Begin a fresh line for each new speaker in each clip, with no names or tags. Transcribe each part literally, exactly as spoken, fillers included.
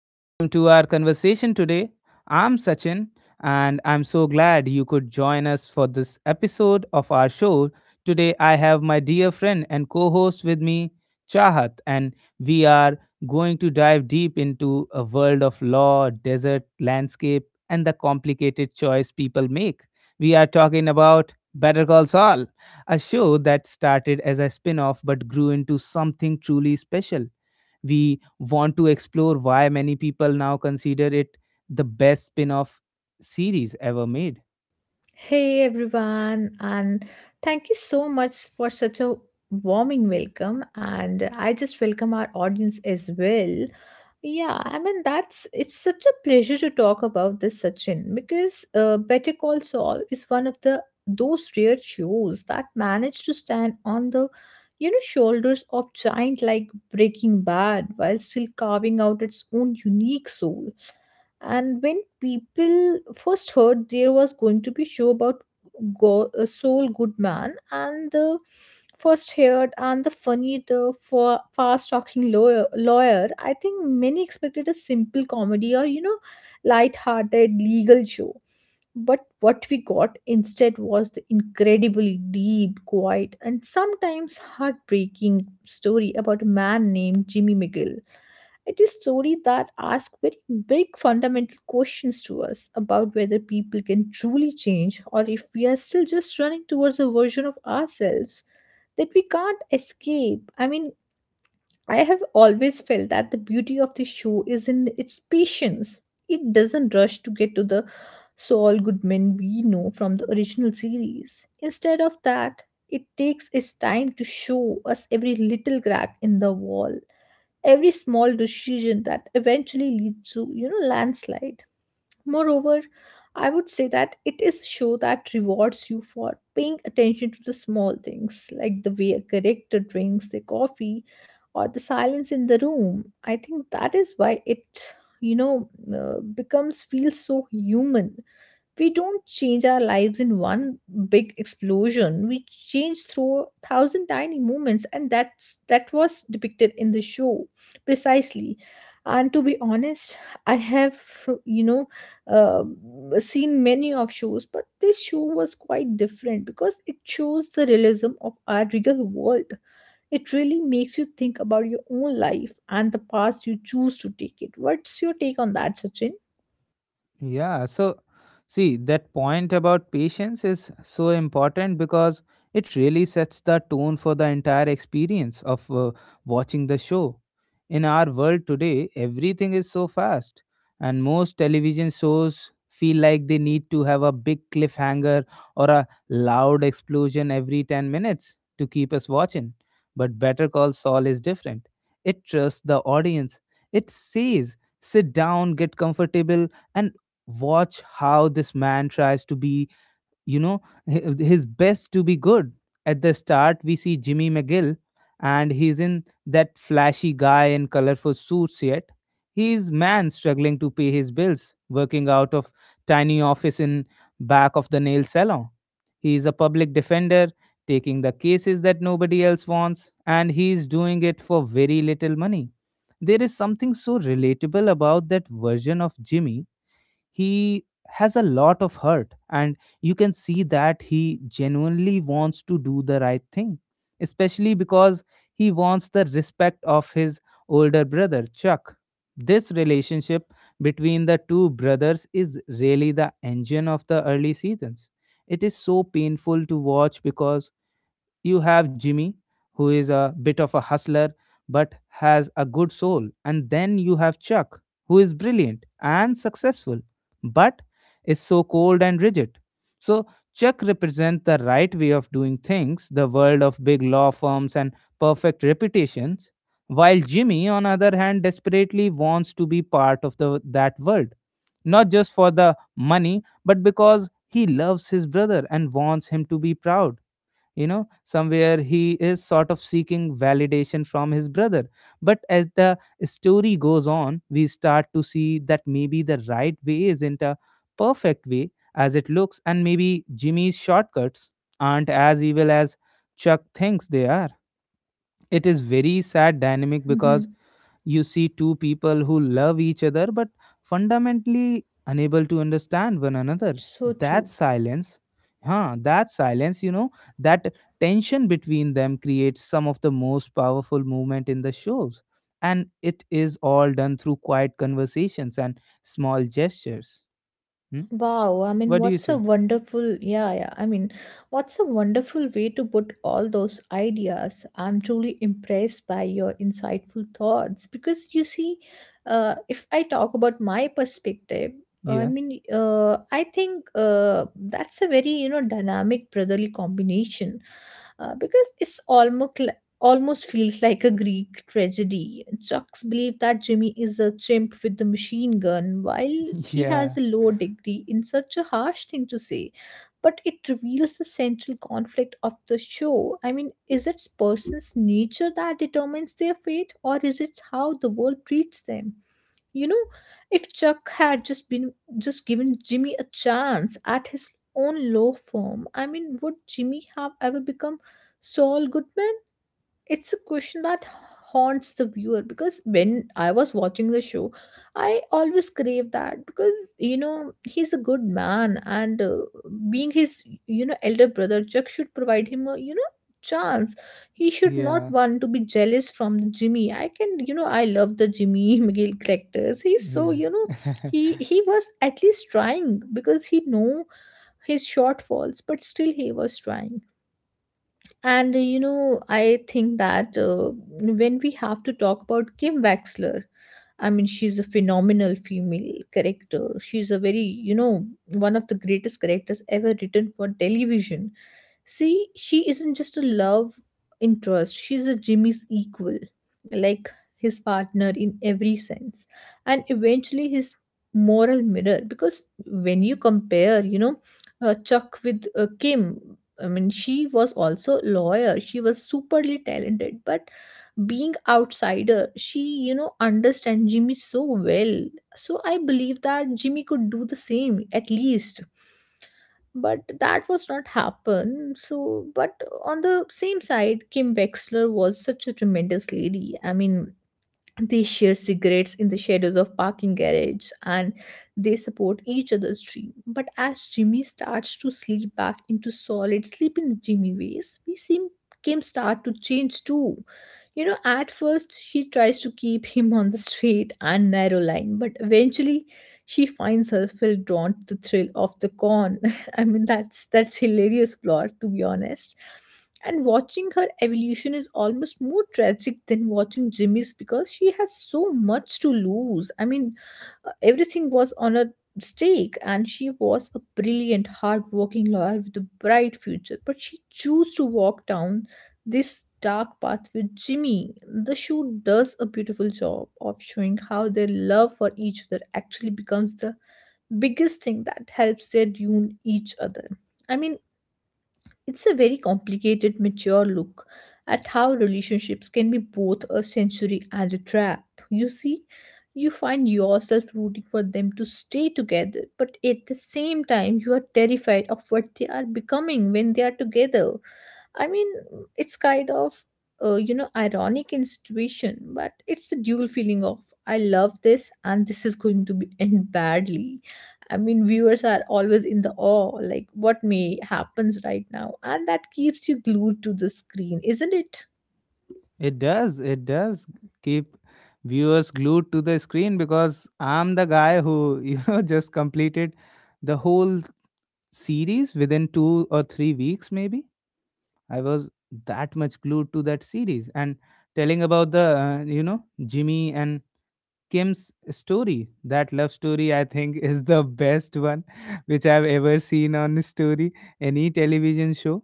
Welcome to our conversation today. I'm Sachin, and I'm so glad you could join us for this episode of our show. Today, I have my dear friend and co host with me, Chahat, and we are going to dive deep into a world of law, desert landscape, and the complicated choice people make. We are talking about Better Call Saul, a show that started as a spin off but grew into something truly special. We want to explore why many people now consider it the best spin-off series ever made.
Hey everyone, and thank you so much for such a warming welcome. And I just welcome our audience as well. Yeah, I mean that's it's such a pleasure to talk about this, Sachin, because uh, Better Call Saul is one of the those rare shows that manage to stand on the you know shoulders of giant like Breaking Bad while still carving out its own unique soul. And when people first heard there was going to be show about Go- uh, Saul Goodman and the first heard and the funny the fa- fast talking lawyer, lawyer I think many expected a simple comedy or you know light hearted legal show, but what we got instead was the incredibly deep, quiet, and sometimes heartbreaking story about a man named Jimmy McGill. It is a story that asks very big fundamental questions to us about whether people can truly change or if we are still just running towards a version of ourselves that we can't escape. I mean, I have always felt that the beauty of the show is in its patience. It doesn't rush to get to the Saul Goodman we know from the original series. Instead of that, it takes its time to show us every little crack in the wall, every small decision that eventually leads to, you know, landslide. Moreover, I would say that it is a show that rewards you for paying attention to the small things, like the way a character drinks their coffee or the silence in the room. I think that is why it, you know, uh, becomes feels so human. We don't change our lives in one big explosion, we change through a thousand tiny movements, and that's that was depicted in the show precisely. And to be honest, I have you know uh, seen many of shows, but this show was quite different because it shows the realism of our real world. It really makes you think about your own life and the path you choose to take it. What's your take on that, Sachin?
Yeah, so see, that point about patience is so important because it really sets the tone for the entire experience of uh, watching the show. In our world today, everything is so fast, and most television shows feel like they need to have a big cliffhanger or a loud explosion every ten minutes to keep us watching. But Better Call Saul is different. It trusts the audience, it says, sit down, get comfortable and watch how this man tries to be, you know, hi- his best to be good. At the start, we see Jimmy McGill, and he's in that flashy guy in colorful suits yet. He's man struggling to pay his bills, working out of tiny office in back of the nail salon. He is a public defender, taking the cases that nobody else wants, and he's doing it for very little money. There is something so relatable about that version of Jimmy. He has a lot of hurt, and you can see that he genuinely wants to do the right thing, especially because he wants the respect of his older brother Chuck. This relationship between the two brothers is really the engine of the early seasons. It is so painful to watch because you have Jimmy, who is a bit of a hustler but has a good soul. And then you have Chuck, who is brilliant and successful but is so cold and rigid. So, Chuck represents the right way of doing things, the world of big law firms and perfect reputations, while Jimmy, on other hand, desperately wants to be part of the, that world, not just for the money, but because he loves his brother and wants him to be proud. You know, somewhere he is sort of seeking validation from his brother. But as the story goes on, we start to see that maybe the right way isn't a perfect way as it looks, and maybe Jimmy's shortcuts aren't as evil as Chuck thinks they are. It is very sad dynamic because
Hmm.
you see two people who love each other but fundamentally unable to understand one another.
So
That
true.
silence, huh, that silence, you know, that tension between them creates some of the most powerful movement in the shows. And it is all done through quiet conversations and small gestures. Hmm?
Wow, I mean,
What do you
what's a
say?
wonderful, yeah, yeah. I mean, what's a wonderful way to put all those ideas. I'm truly impressed by your insightful thoughts because you see, uh, if I talk about my perspective, I
Yeah.
mean, uh, I think uh, that's a very, you know, dynamic brotherly combination uh, because it's almost almost feels like a Greek tragedy. Chucks believe that Jimmy is a chimp with the machine gun, while he has
Yeah.
a low degree in such a harsh thing to say. But it reveals the central conflict of the show. I mean, is it person's nature that determines their fate, or is it how the world treats them? You know, if Chuck had just been just given Jimmy a chance at his own law firm, I mean would Jimmy have ever become Saul Goodman? It's a question that haunts the viewer because when I was watching the show, I always crave that because you know he's a good man, and uh, being his you know elder brother, Chuck should provide him a you know chance. He should not
Yeah.
want to be jealous from the Jimmy. I can you know I love the Jimmy McGill characters. He's so
Yeah.
you know he he was at least trying because he know his shortfalls, but still he was trying. And uh, you know, I think that uh, when we have to talk about Kim Wexler, I mean, she's a phenomenal female character. She's a very, you know, one of the greatest characters ever written for television. See, she isn't just a love interest, she's a Jimmy's equal, like his partner in every sense, and eventually his moral mirror. Because when you compare, you know, uh, Chuck with uh, Kim. I mean, she was also lawyer. She was superly talented, but being outsider, she you know understand Jimmy so well. So I believe that Jimmy could do the same at least. But that was not happen. So, but on the same side, Kim Wexler was such a tremendous lady. I mean, they share cigarettes in the shadows of parking garages and they support each other's dream. But as Jimmy starts to sleep back into solid sleeping Jimmy ways, we see Kim start to change too. You know, at first she tries to keep him on the straight and narrow line, but eventually she finds herself drawn to the thrill of the con. I mean that's that's hilarious plot to be honest, and watching her evolution is almost more tragic than watching Jimmy's because she has so much to lose. I mean, uh, everything was on a stake, and she was a brilliant, hardworking lawyer with a bright future. But she chose to walk down this dark path with Jimmy. The show does a beautiful job of showing how their love for each other actually becomes the biggest thing that helps their tune each other. I mean, it's a very complicated, mature look at how relationships can be both a sanctuary and a trap. You see, you find yourself rooting for them to stay together, but at the same time, you are terrified of what they are becoming when they are together. I mean, it's kind of, uh, you know, ironic in situation, but it's the dual feeling of I love this and this is going to be end badly. I mean, viewers are always in the awe, like what may happens right now, and that keeps you glued to the screen, isn't it?
It does. It does keep viewers glued to the screen because I'm the guy who, you know, just completed the whole series within two or three weeks, maybe. I was that much glued to that series. And telling about the, uh, you know, Jimmy and Kim's story. That love story, I think, is the best one which I've ever seen on story, any television show.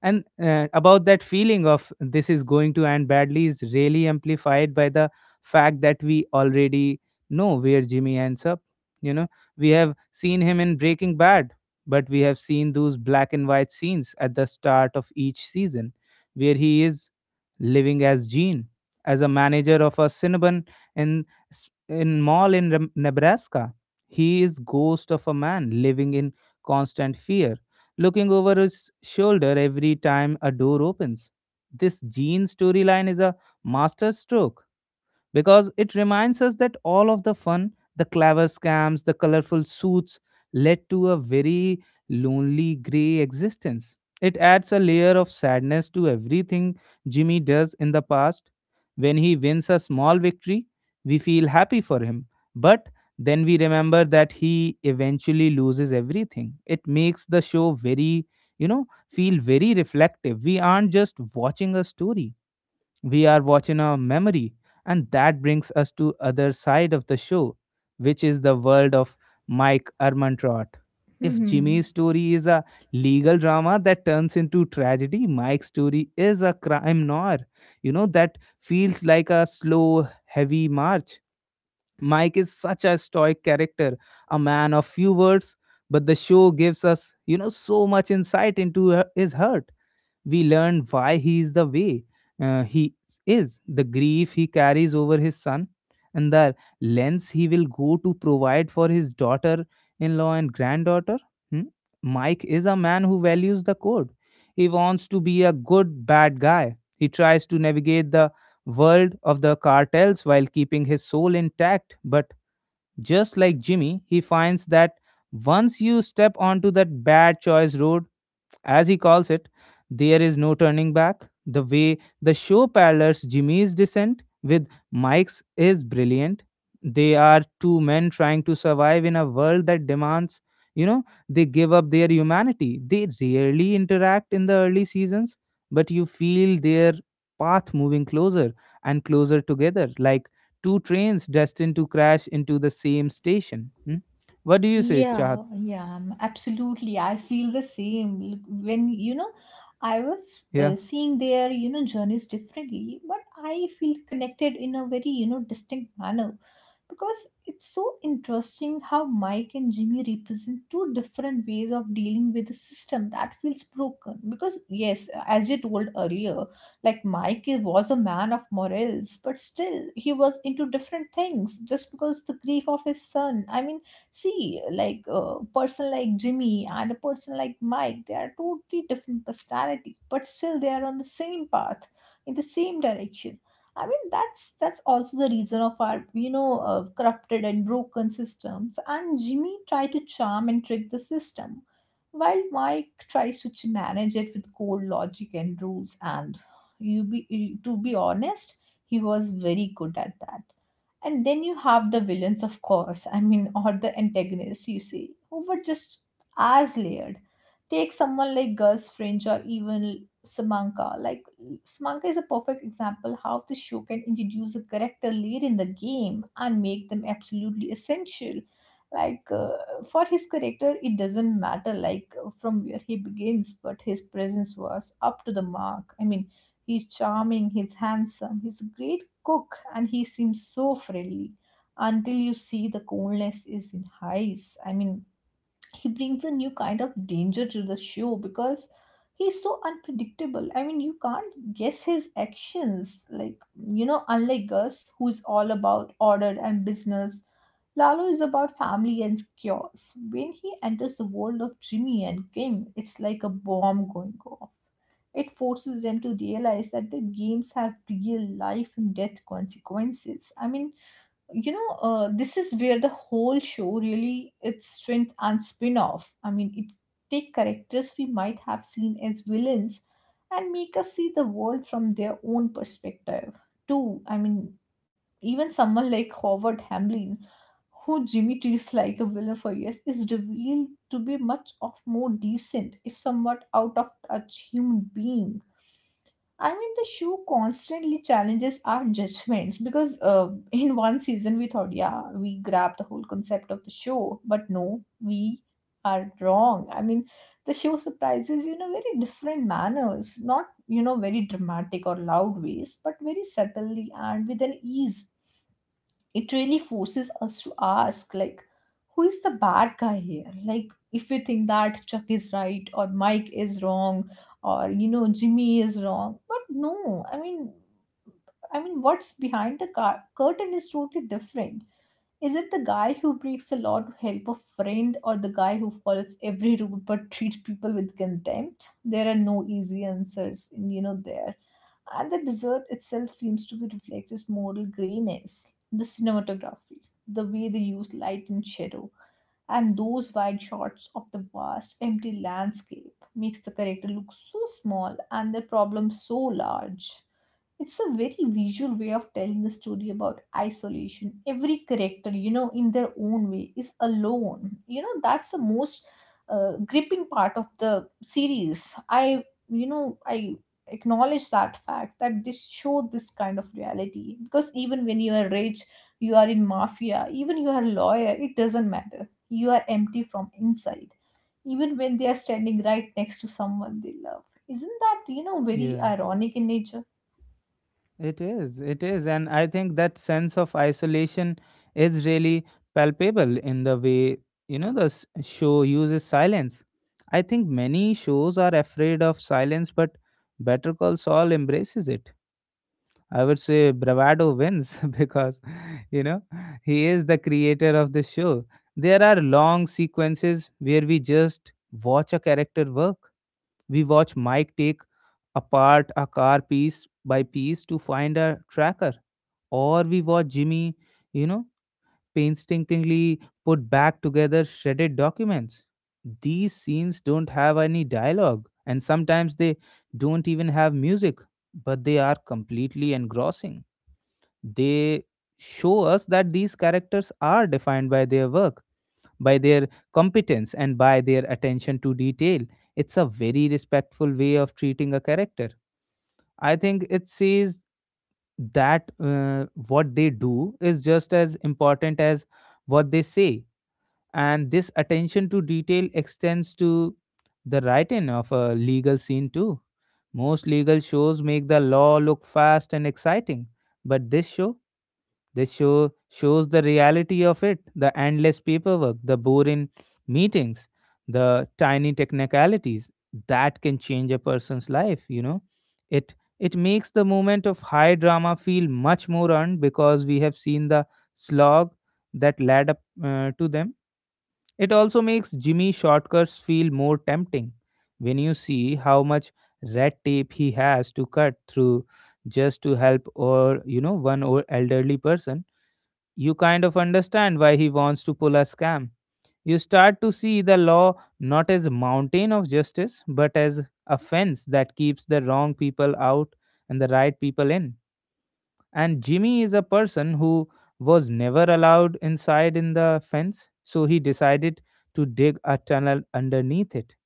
And uh, about that feeling of this is going to end badly is really amplified by the fact that we already know where Jimmy ends up. You know, we have seen him in Breaking Bad, but we have seen those black and white scenes at the start of each season where he is living as Gene, as a manager of a Cinnabon in s- in mall in Rem- Nebraska. He is ghost of a man living in constant fear, looking over his shoulder every time a door opens. This Jean storyline is a masterstroke because it reminds us that all of the fun, the clever scams, the colorful suits led to a very lonely, gray existence. It adds a layer of sadness to everything Jimmy does in the past. When he wins a small victory, we feel happy for him, but then we remember that he eventually loses everything. It makes the show very, you know, feel very reflective. We aren't just watching a story, we are watching our memory. And that brings us to other side of the show, which is the world of Mike Ermantrot. If Jimmy's
Hmm.
story is a legal drama that turns into tragedy, Mike's story is a crime noir, you know, that feels like a slow heavy march. Mike is such a stoic character, a man of few words, but the show gives us, you know, so much insight into her- his hurt. We learn why he is the way uh, he is, the grief he carries over his son, and the lengths he will go to provide for his daughter in law and granddaughter. Hmm? Mike is a man who values the code. He wants to be a good bad guy. He tries to navigate the world of the cartels while keeping his soul intact. But just like Jimmy, he finds that once you step onto that bad choice road, as he calls it, there is no turning back. The way the show parallels Jimmy's descent with Mike's is brilliant. They are two men trying to survive in a world that demands, you know, they give up their humanity. They rarely interact in the early seasons, but you feel their path moving closer and closer together, like two trains destined to crash into the same station. Hmm? What do you say, Chahat?
Yeah, yeah, um, absolutely. I feel the same. Look, when, you know, I was
Yeah.
uh, seeing their, you know, journeys differently, but I feel connected in a very, you know, distinct manner because it's so interesting how Mike and Jimmy represent two different ways of dealing with a system that feels broken. Because, yes, as you told earlier, like Mike was a man of morals, but still he was into different things just because the grief of his son. I mean, see like a person like Jimmy and a person like Mike, they are totally different personality but still they are on the same path, in the same direction. I mean that's that's also the reason of our you know uh, corrupted and broken systems, and Jimmy tried to charm and trick the system, while Mike tries to ch- manage it with cold logic and rules. And you be you- to be honest, he was very good at that. And then you have the villains, of course, I mean, or the antagonists, you see, who were just as layered. Take someone like Gus Fringe or even Samanka. Like, Samanka is a perfect example how the show can introduce a character late in the game and make them absolutely essential. Like, uh, for his character, it doesn't matter, like, uh, from where he begins, but his presence was up to the mark. I mean, he's charming, he's handsome, he's a great cook and he seems so friendly until you see the coldness is in his eyes. I mean he brings a new kind of danger to the show because he's so unpredictable. I mean, you can't guess his actions. Like, you know, unlike Gus, who is all about order and business, Lalo is about family and chaos. When he enters the world of Jimmy and Kim, it's like a bomb going off. It forces them to realize that their games have real life and death consequences. I mean, you know uh, this is where the whole show really its strength and spin off. I mean it take characters we might have seen as villains and make us see the world from their own perspective too. I mean even someone like Howard Hamlin, who Jimmy treats like a villain for years, is revealed to be much of more decent, if somewhat out of touch, human being. I mean, the show constantly challenges our judgments because uh, in one season we thought, yeah, we grabbed the whole concept of the show, but no, we are wrong. I mean, the show surprises you in a very different manners, not, you know, very dramatic or loud ways, but very subtly and with an ease. It really forces us to ask like who is the bad guy here, like if we think that Chuck is right or Mike is wrong, or you know Jimmy is wrong, but no. I mean, I mean what's behind the car- curtain is totally different. Is it the guy who breaks the law to help a friend or the guy who follows every rule but treats people with contempt? There are no easy answers, you know there. And the desert itself seems to be reflect this moral grayness. The cinematography, the way they use light and shadow, and those wide shots of the vast empty landscape makes the character look so small and the problem so large. It's a very visual way of telling a story about isolation. Every character, you know, in their own way, is alone. You know, that's the most uh, gripping part of the series. I, you know, I acknowledge that fact that this show this kind of reality because even when you are rich you are in mafia even you are a lawyer it doesn't matter you are empty from inside even when they are standing right next to someone they love isn't that you know very
Yeah.
ironic in nature.
It is, it is. And I think that sense of isolation is really palpable in the way, you know, the s- show uses silence. I think many shows are afraid of silence, but Better Call Saul embraces it. I would say bravado wins because, you know, he is the creator of this show. There are long sequences where we just watch a character work. We watch Mike take apart a car piece by piece to find a tracker, or we watch Jimmy, you know, painstakingly put back together shredded documents. These scenes don't have any dialogue, and sometimes they don't even have music, but they are completely engrossing. They show us that these characters are defined by their work, by their competence, and by their attention to detail. It's a very respectful way of treating a character. I think it says that uh, what they do is just as important as what they say. And this attention to detail extends to the writing of a legal scene too. Most legal shows make the law look fast and exciting, but this show this show shows the reality of it, the endless paperwork, the boring meetings, the tiny technicalities that can change a person's life, you know. It it makes the moment of high drama feel much more earned because we have seen the slog that led up uh, to them. It also makes Jimmy shortcuts feel more tempting. When you see how much red tape he has to cut through just to help or you know one or elderly person, you kind of understand why he wants to pull a scam. You start to see the law not as a mountain of justice, but as a fence that keeps the wrong people out and the right people in. And Jimmy is a person who was never allowed inside in the fence, so he decided to dig a tunnel underneath it.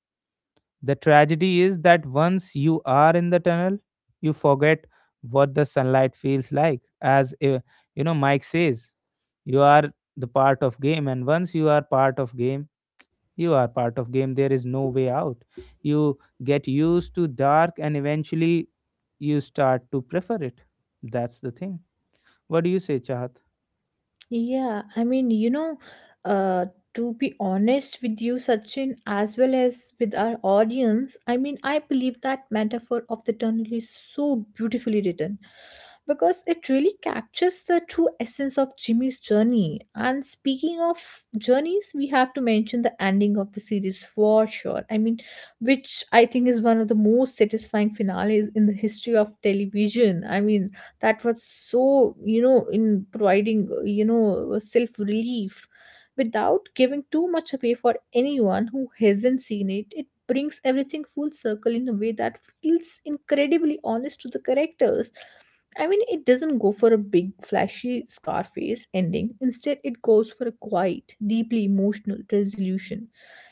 The tragedy is that once you are in the tunnel, you forget what the sunlight feels like. As uh, you know, Mike says, you are the part of game, and once you are part of game, you are part of game. There is no way out. You get used to dark, and eventually, you start to prefer it. That's the thing. What do you say, Chahat?
Yeah, I mean, you know, uh, to be honest with you, Sachin, as well as with our audience, I mean, I believe that metaphor of the tunnel is so beautifully written because it really captures the true essence of Jimmy's journey. And speaking of journeys, we have to mention the ending of the series for sure. I mean, which I think is one of the most satisfying finales in the history of television. I mean, that was so you know in providing you know self relief without giving too much away for anyone who hasn't seen it, it brings everything full circle in a way that feels incredibly honest to the characters. I mean, it doesn't go for a big flashy Scarface ending. Instead, it goes for a quiet, deeply emotional resolution.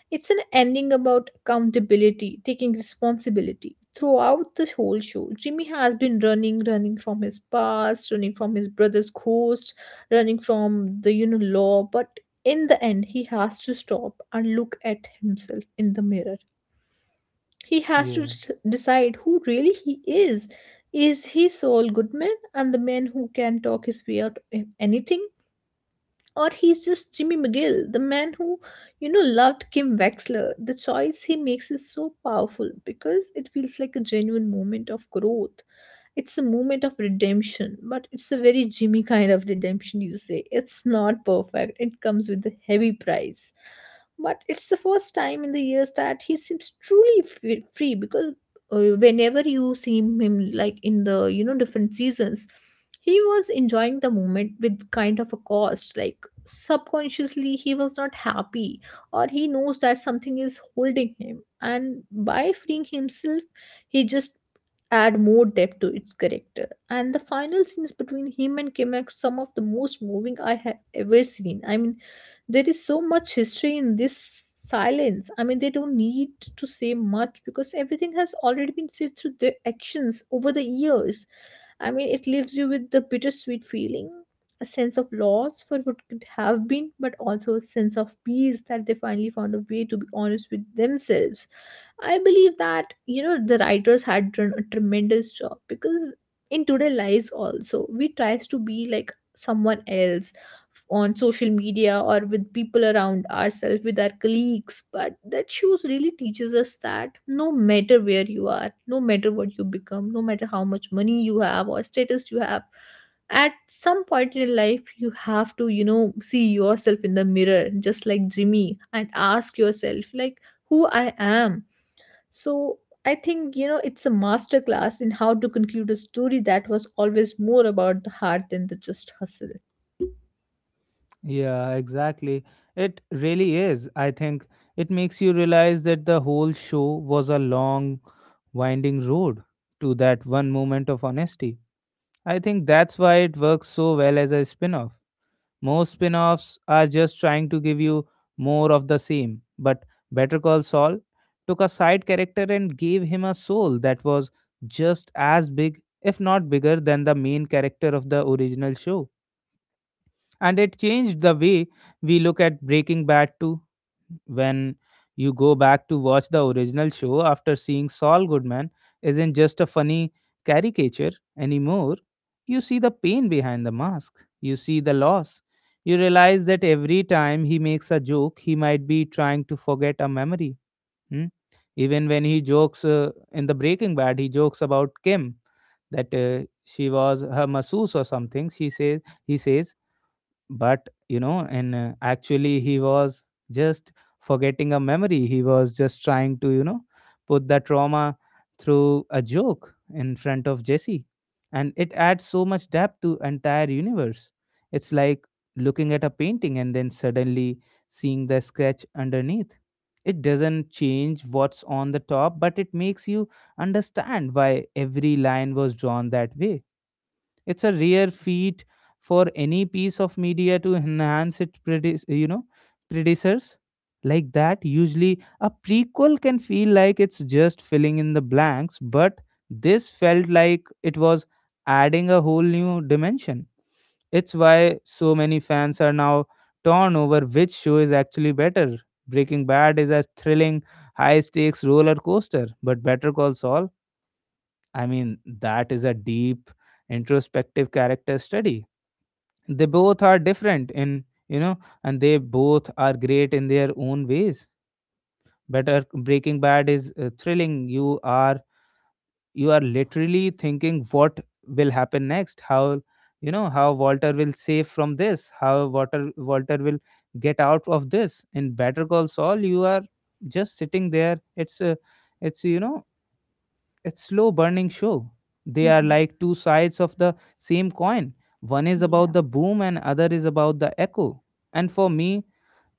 It's an ending about accountability, taking responsibility. Throughout the whole show, Jimmy has been running, running from his past, running from his brother's ghost, running from the you know law, but in the end he has to stop and look at himself in the mirror. He has to
Yeah,
d- decide who really he is. Is he Saul Goodman and the man who can talk his way out of anything? Or he's just Jimmy McGill, the man who, you know, loved Kim Wexler. The choice he makes is so powerful because it feels like a genuine moment of growth. It's a moment of redemption, but it's a very Jimmy kind of redemption, you say. It's not perfect, it comes with a heavy price. But it's the first time in the years that he seems truly f- free because uh, whenever you see him, like in the you know different seasons, he was enjoying the moment with kind of a cost. Like subconsciously, he was not happy, or he knows that something is holding him, and by freeing himself, he just add more depth to its character. And the final scenes between him and Kim are some of the most moving I have ever seen. I mean, there is so much history in this silence. I mean, they don't need to say much because everything has already been said through their actions over the years. I mean, it leaves you with the bittersweet feeling. A sense of loss for what could have been, but also a sense of peace that they finally found a way to be honest with themselves. I believe that you know the writers had done a tremendous job because in today lives also we tries to be like someone else on social media or with people around ourselves with our colleagues, but that shows really teaches us that no matter where you are, no matter what you become, no matter how much money you have or status you have, at some point in your life you have to you know see yourself in the mirror just like Jimmy and ask yourself like who I am. So I think, you know, it's a masterclass in how to conclude a story that was always more about the heart than the just hustle.
yeah, exactly. It really is. I think it makes you realize that the whole show was a long winding road to that one moment of honesty. I think that's why it works so well as a spin off. Most spin offs are just trying to give you more of the same, but Better Call Saul took a side character and gave him a soul that was just as big, if not bigger, than the main character of the original show. And it changed the way we look at Breaking Bad too. When you go back to watch the original show after seeing Saul Goodman isn't just a funny caricature anymore, you see the pain behind the mask, you see the loss. You realize that every time he makes a joke he might be trying to forget a memory. Hmm? Even when he jokes uh, in the Breaking Bad, he jokes about Kim, that uh, she was her masseuse or something. She says, he says, but you know and uh, actually he was just forgetting a memory. He was just trying to you know put the trauma through a joke in front of Jesse. And it adds so much depth to entire universe. It's like looking at a painting and then suddenly seeing the scratch underneath. It doesn't change what's on the top, but it makes you understand why every line was drawn that way. It's a rare feat for any piece of media to enhance its predi- you know predecessors like that. Usually, a prequel can feel like it's just filling in the blanks, but this felt like it was adding a whole new dimension. It's why so many fans are now torn over which show is actually better. Breaking Bad is a thrilling, high stakes roller coaster, but Better Call Saul, I mean, that is a deep introspective character study. They both are different in, you know, and they both are great in their own ways. Better Breaking Bad is uh, thrilling. You are you are literally thinking what will happen next, how, you know, how Walter will save from this, how Walter Walter will get out of this. In Better Call Saul, you are just sitting there. It's a, it's you know It's slow burning show. They are
Mhm.
like two sides of the same coin. One is about
Yeah.
the boom and other is about the echo. And for me,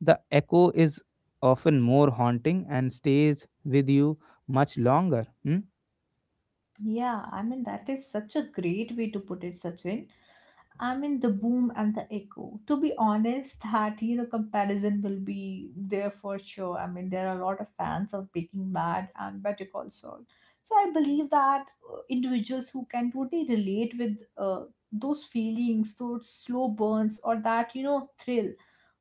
the echo is often more haunting and stays with you much longer. Hmm?
Yeah, I mean, that is such a great way to put it, Sachin. I mean, the boom and the echo. To be honest, that, you know, comparison will be there for sure. I mean, there are a lot of fans of Breaking Bad and Better Call Saul. So I believe that uh, individuals who can totally relate with uh, those feelings, those slow burns, or that, you know, thrill.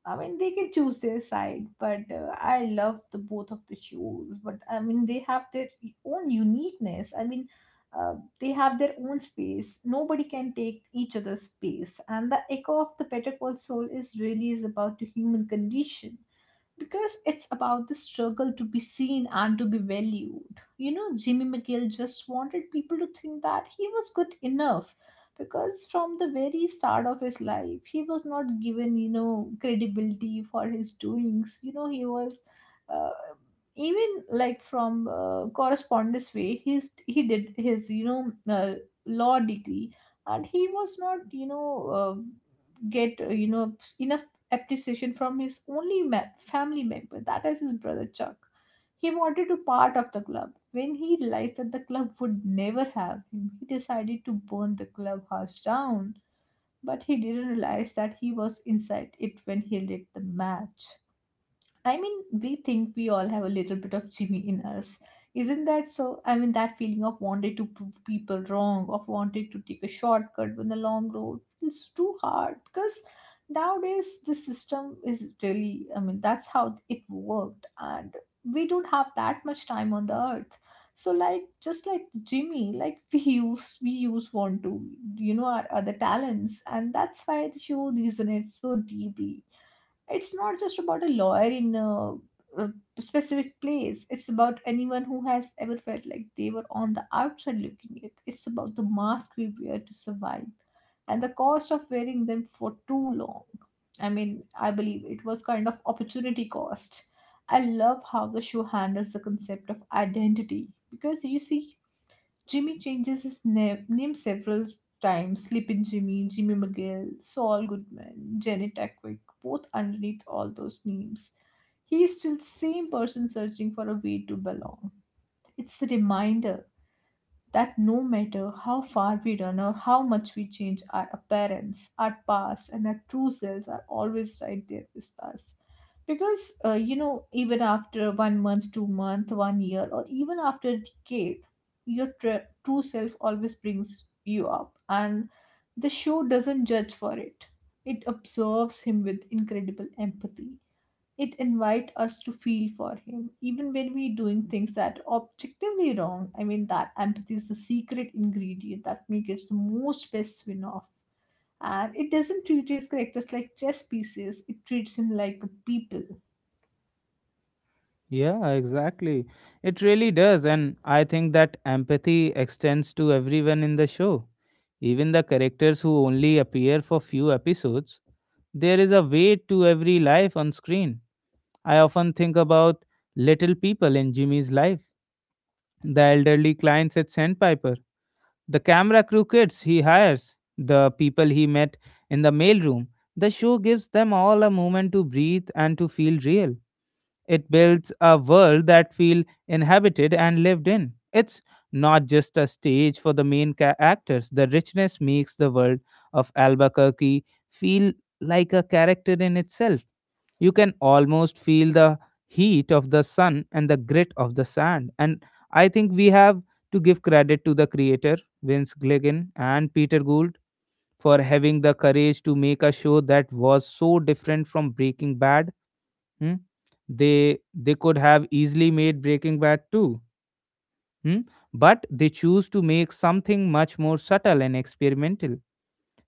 I mean, they can choose their side, but uh, I love the both of the shows. But I mean, they have their own uniqueness. I mean, uh, they have their own space. Nobody can take each other's space, and the echo of the Better Call soul is really is about the human condition because it's about the struggle to be seen and to be valued. You know, Jimmy McGill just wanted people to think that he was good enough because from the very start of his life, he was not given, you know, credibility for his doings. You know, he was. Uh, Even like from uh, correspondence way he's he did his you know uh, law degree, and he was not you know uh, get uh, you know enough appreciation from his only me- family member, that is his brother Chuck. He wanted to part of the club. When he realized that the club would never have him, he decided to burn the clubhouse down. But he didn't realize that he was inside it when he lit the match. I mean, we think we all have a little bit of Jimmy in us. Isn't that so? I mean, that feeling of wanting to prove people wrong, of wanting to take a shortcut when the long road feels too hard because nowadays the system is really, I mean, that's how it worked. And we don't have that much time on the earth. So like just like Jimmy, like we use we use want to, you know, our other talents, and that's why the show resonates so deeply. It's not just about a lawyer in a, a specific place. It's about anyone who has ever felt like they were on the outside looking in. It's about the mask we wear to survive and the cost of wearing them for too long. I mean, I believe it was kind of opportunity cost. I love how the show handles the concept of identity because you see Jimmy changes his name, name several times: Sleepin' Jimmy, Jimmy McGill, Saul Goodman, Janet Quick, both underneath all those names. He is still the same person searching for a way to belong. It's a reminder that no matter how far we run or how much we change, our appearance, our past, and our true selves are always right there with us. Because, uh, you know, even after one month, two month, one year, or even after a decade, your tr- true self always brings you up. And the show doesn't judge for it, it observes him with incredible empathy. It invites us to feel for him, even when we're doing things that are objectively wrong. I mean, that empathy is the secret ingredient that makes it the most best win off. And it doesn't treat his characters like chess pieces, it treats him like people.
Yeah, exactly. It really does. And I think that empathy extends to everyone in the show. Even the characters who only appear for few episodes, there is a weight to every life on screen. I often think about little people in Jimmy's life, the elderly clients at Sandpiper, the camera crew kids he hires, the people he met in the mailroom. The show gives them all a moment to breathe and to feel real. It builds a world that feels inhabited and lived in. It's not just a stage for the main ca- actors. The richness makes the world of Albuquerque feel like a character in itself. You can almost feel the heat of the sun and the grit of the sand. And I think we have to give credit to the creator, Vince Gilligan and Peter Gould, for having the courage to make a show that was so different from Breaking Bad. Hmm? They they could have easily made Breaking Bad too. Hmm? But they choose to make something much more subtle and experimental.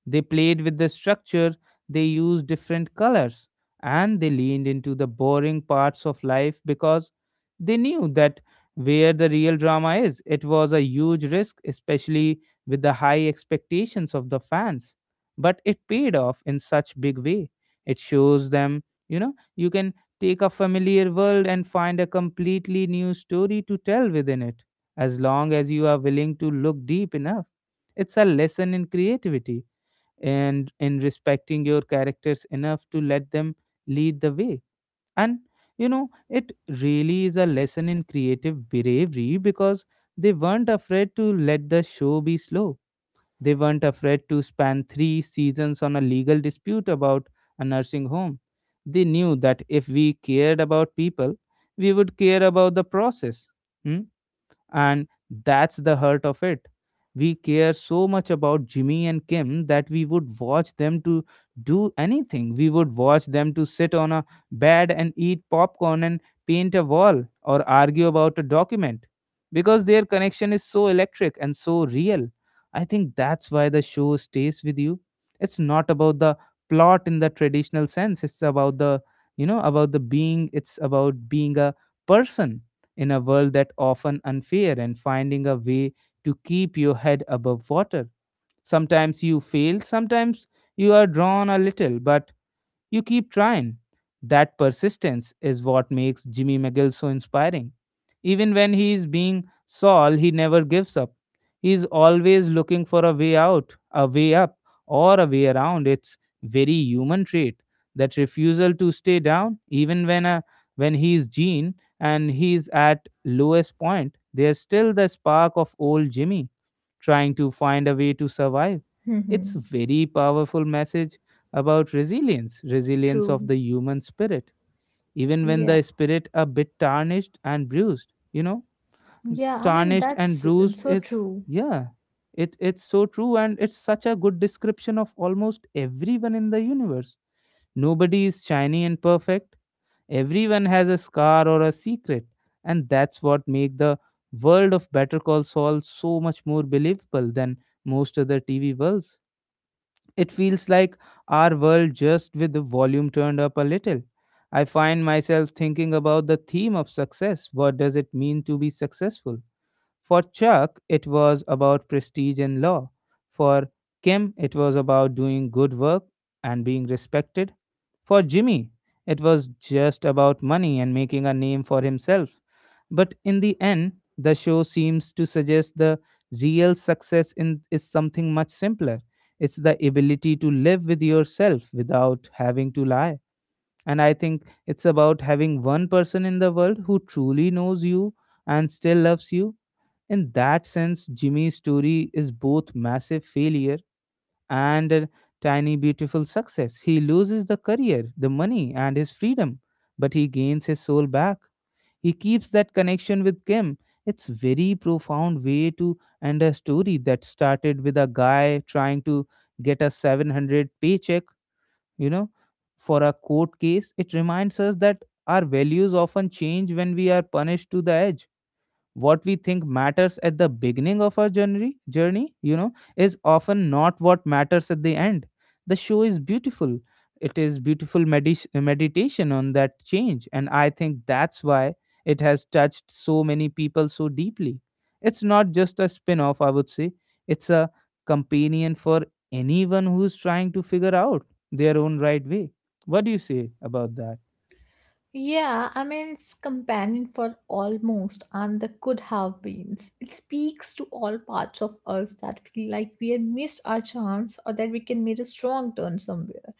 They played with the structure, they used different colors, and they leaned into the boring parts of life because they knew that where the real drama is. It was a huge risk, especially with the high expectations of the fans. But it paid off in such big way. It shows them, you know, you can take a familiar world and find a completely new story to tell within it, as long as you are willing to look deep enough. It's a lesson in creativity and in respecting your characters enough to let them lead the way. And you know, it really is a lesson in creative bravery because they weren't afraid to let the show be slow. They weren't afraid to span three seasons on a legal dispute about a nursing home. They knew that if we cared about people, we would care about the process. Hmm. And that's the hurt of it. We care so much about Jimmy and Kim that we would watch them to do anything. We would watch them to sit on a bed and eat popcorn and paint a wall or argue about a document, because their connection is so electric and so real. I think that's why the show stays with you. It's not about the plot in the traditional sense. It's about the, you know, about the being. It's about being a person in a world that often unfair and finding a way to keep your head above water. Sometimes you fail, sometimes you are drawn a little, but you keep trying. That persistence is what makes Jimmy McGill so inspiring. Even when he is being Saul, he never gives up. He is always looking for a way out, a way up, or a way around. It's very human trait. That refusal to stay down, even when a when he is Gene and he is at lowest point, there's still the spark of old Jimmy trying to find a way to survive. It's
Mm-hmm.
very powerful message about resilience, resilience
True.
of the human spirit, even when
Yeah.
the spirit a bit tarnished and bruised. You know,
Yeah, I mean,
tarnished and
that's
bruised
so
is
true.
yeah, it it's so true and it's such a good description of almost everyone in the universe. Nobody is shiny and perfect. Everyone has a scar or a secret, and that's what make the world of Better Call Saul so much more believable than most other T V worlds. It feels like our world just with the volume turned up a little. I find myself thinking about the theme of success. What does it mean to be successful? For Chuck, it was about prestige and law. For Kim, it was about doing good work and being respected. For Jimmy, it was just about money and making a name for himself. But in the end, the show seems to suggest the real success in, is something much simpler. It's the ability to live with yourself without having to lie. And I think it's about having one person in the world who truly knows you and still loves you. In that sense, Jimmy's story is both massive failure and a tiny beautiful success. He loses the career, the money, and his freedom, but he gains his soul back. He keeps that connection with Kim. It's very profound way to end a story that started with a guy trying to get a seven hundred paycheck, you know, for a court case. It reminds us that our values often change when we are punished to the edge. What we think matters at the beginning of our journey journey, you know, is often not what matters at the end. The show is beautiful. It is beautiful medis meditation on that change, and I think that's why it has touched so many people so deeply. It's not just a spin off, I would say. It's a companion for anyone who's trying to figure out their own right way. What do you say about that?
Yeah, I mean, it's companion for almost and the could have beens. It speaks to all parts of us that feel like we had missed our chance or that we can make a strong turn somewhere,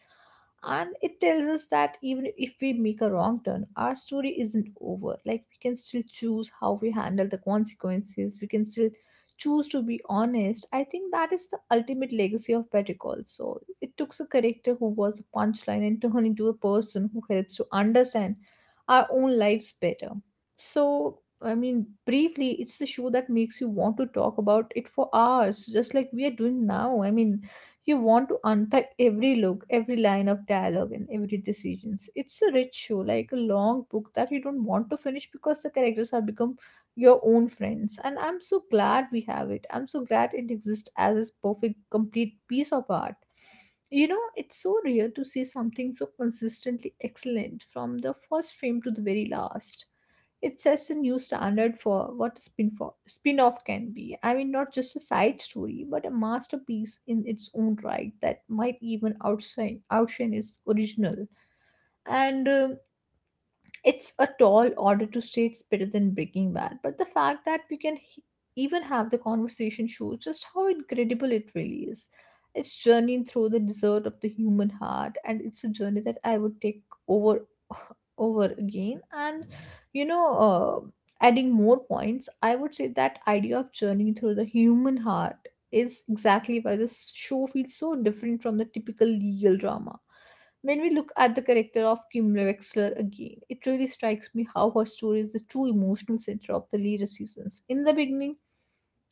and it tells us that even if we make a wrong turn our story isn't over. Like we can still choose how we handle the consequences, we can still choose to be honest. I think that is the ultimate legacy of Better Call so it took a character who was a punchline and turned into a person who helps to understand our own lives better. So I mean briefly it's the show that makes you want to talk about it for hours just like we are doing now. I mean, you want to unpack every look, every line of dialogue, and every decisions. It's a rich show, like a long book that you don't want to finish because the characters have become your own friends. And I'm so glad we have it. I'm so glad it exists as this perfect, complete piece of art. You know, it's so rare to see something so consistently excellent from the first frame to the very last. It sets a new standard for what a spin for spin-off can be. I mean, not just a side story, but a masterpiece in its own right that might even outshine outshine its original. And um it's a tall order to say it's better than Breaking Bad, but the fact that we can he- even have the conversation shows just how incredible it really is. It's journeying through the desert of the human heart, and it's a journey that I would take over, over again. And you know, uh, Adding more points, I would say that idea of journeying through the human heart is exactly why this show feels so different from the typical legal drama when we look at the character of Kim Wexler again. It really strikes me how her story is the true emotional center of the later seasons. In the beginning,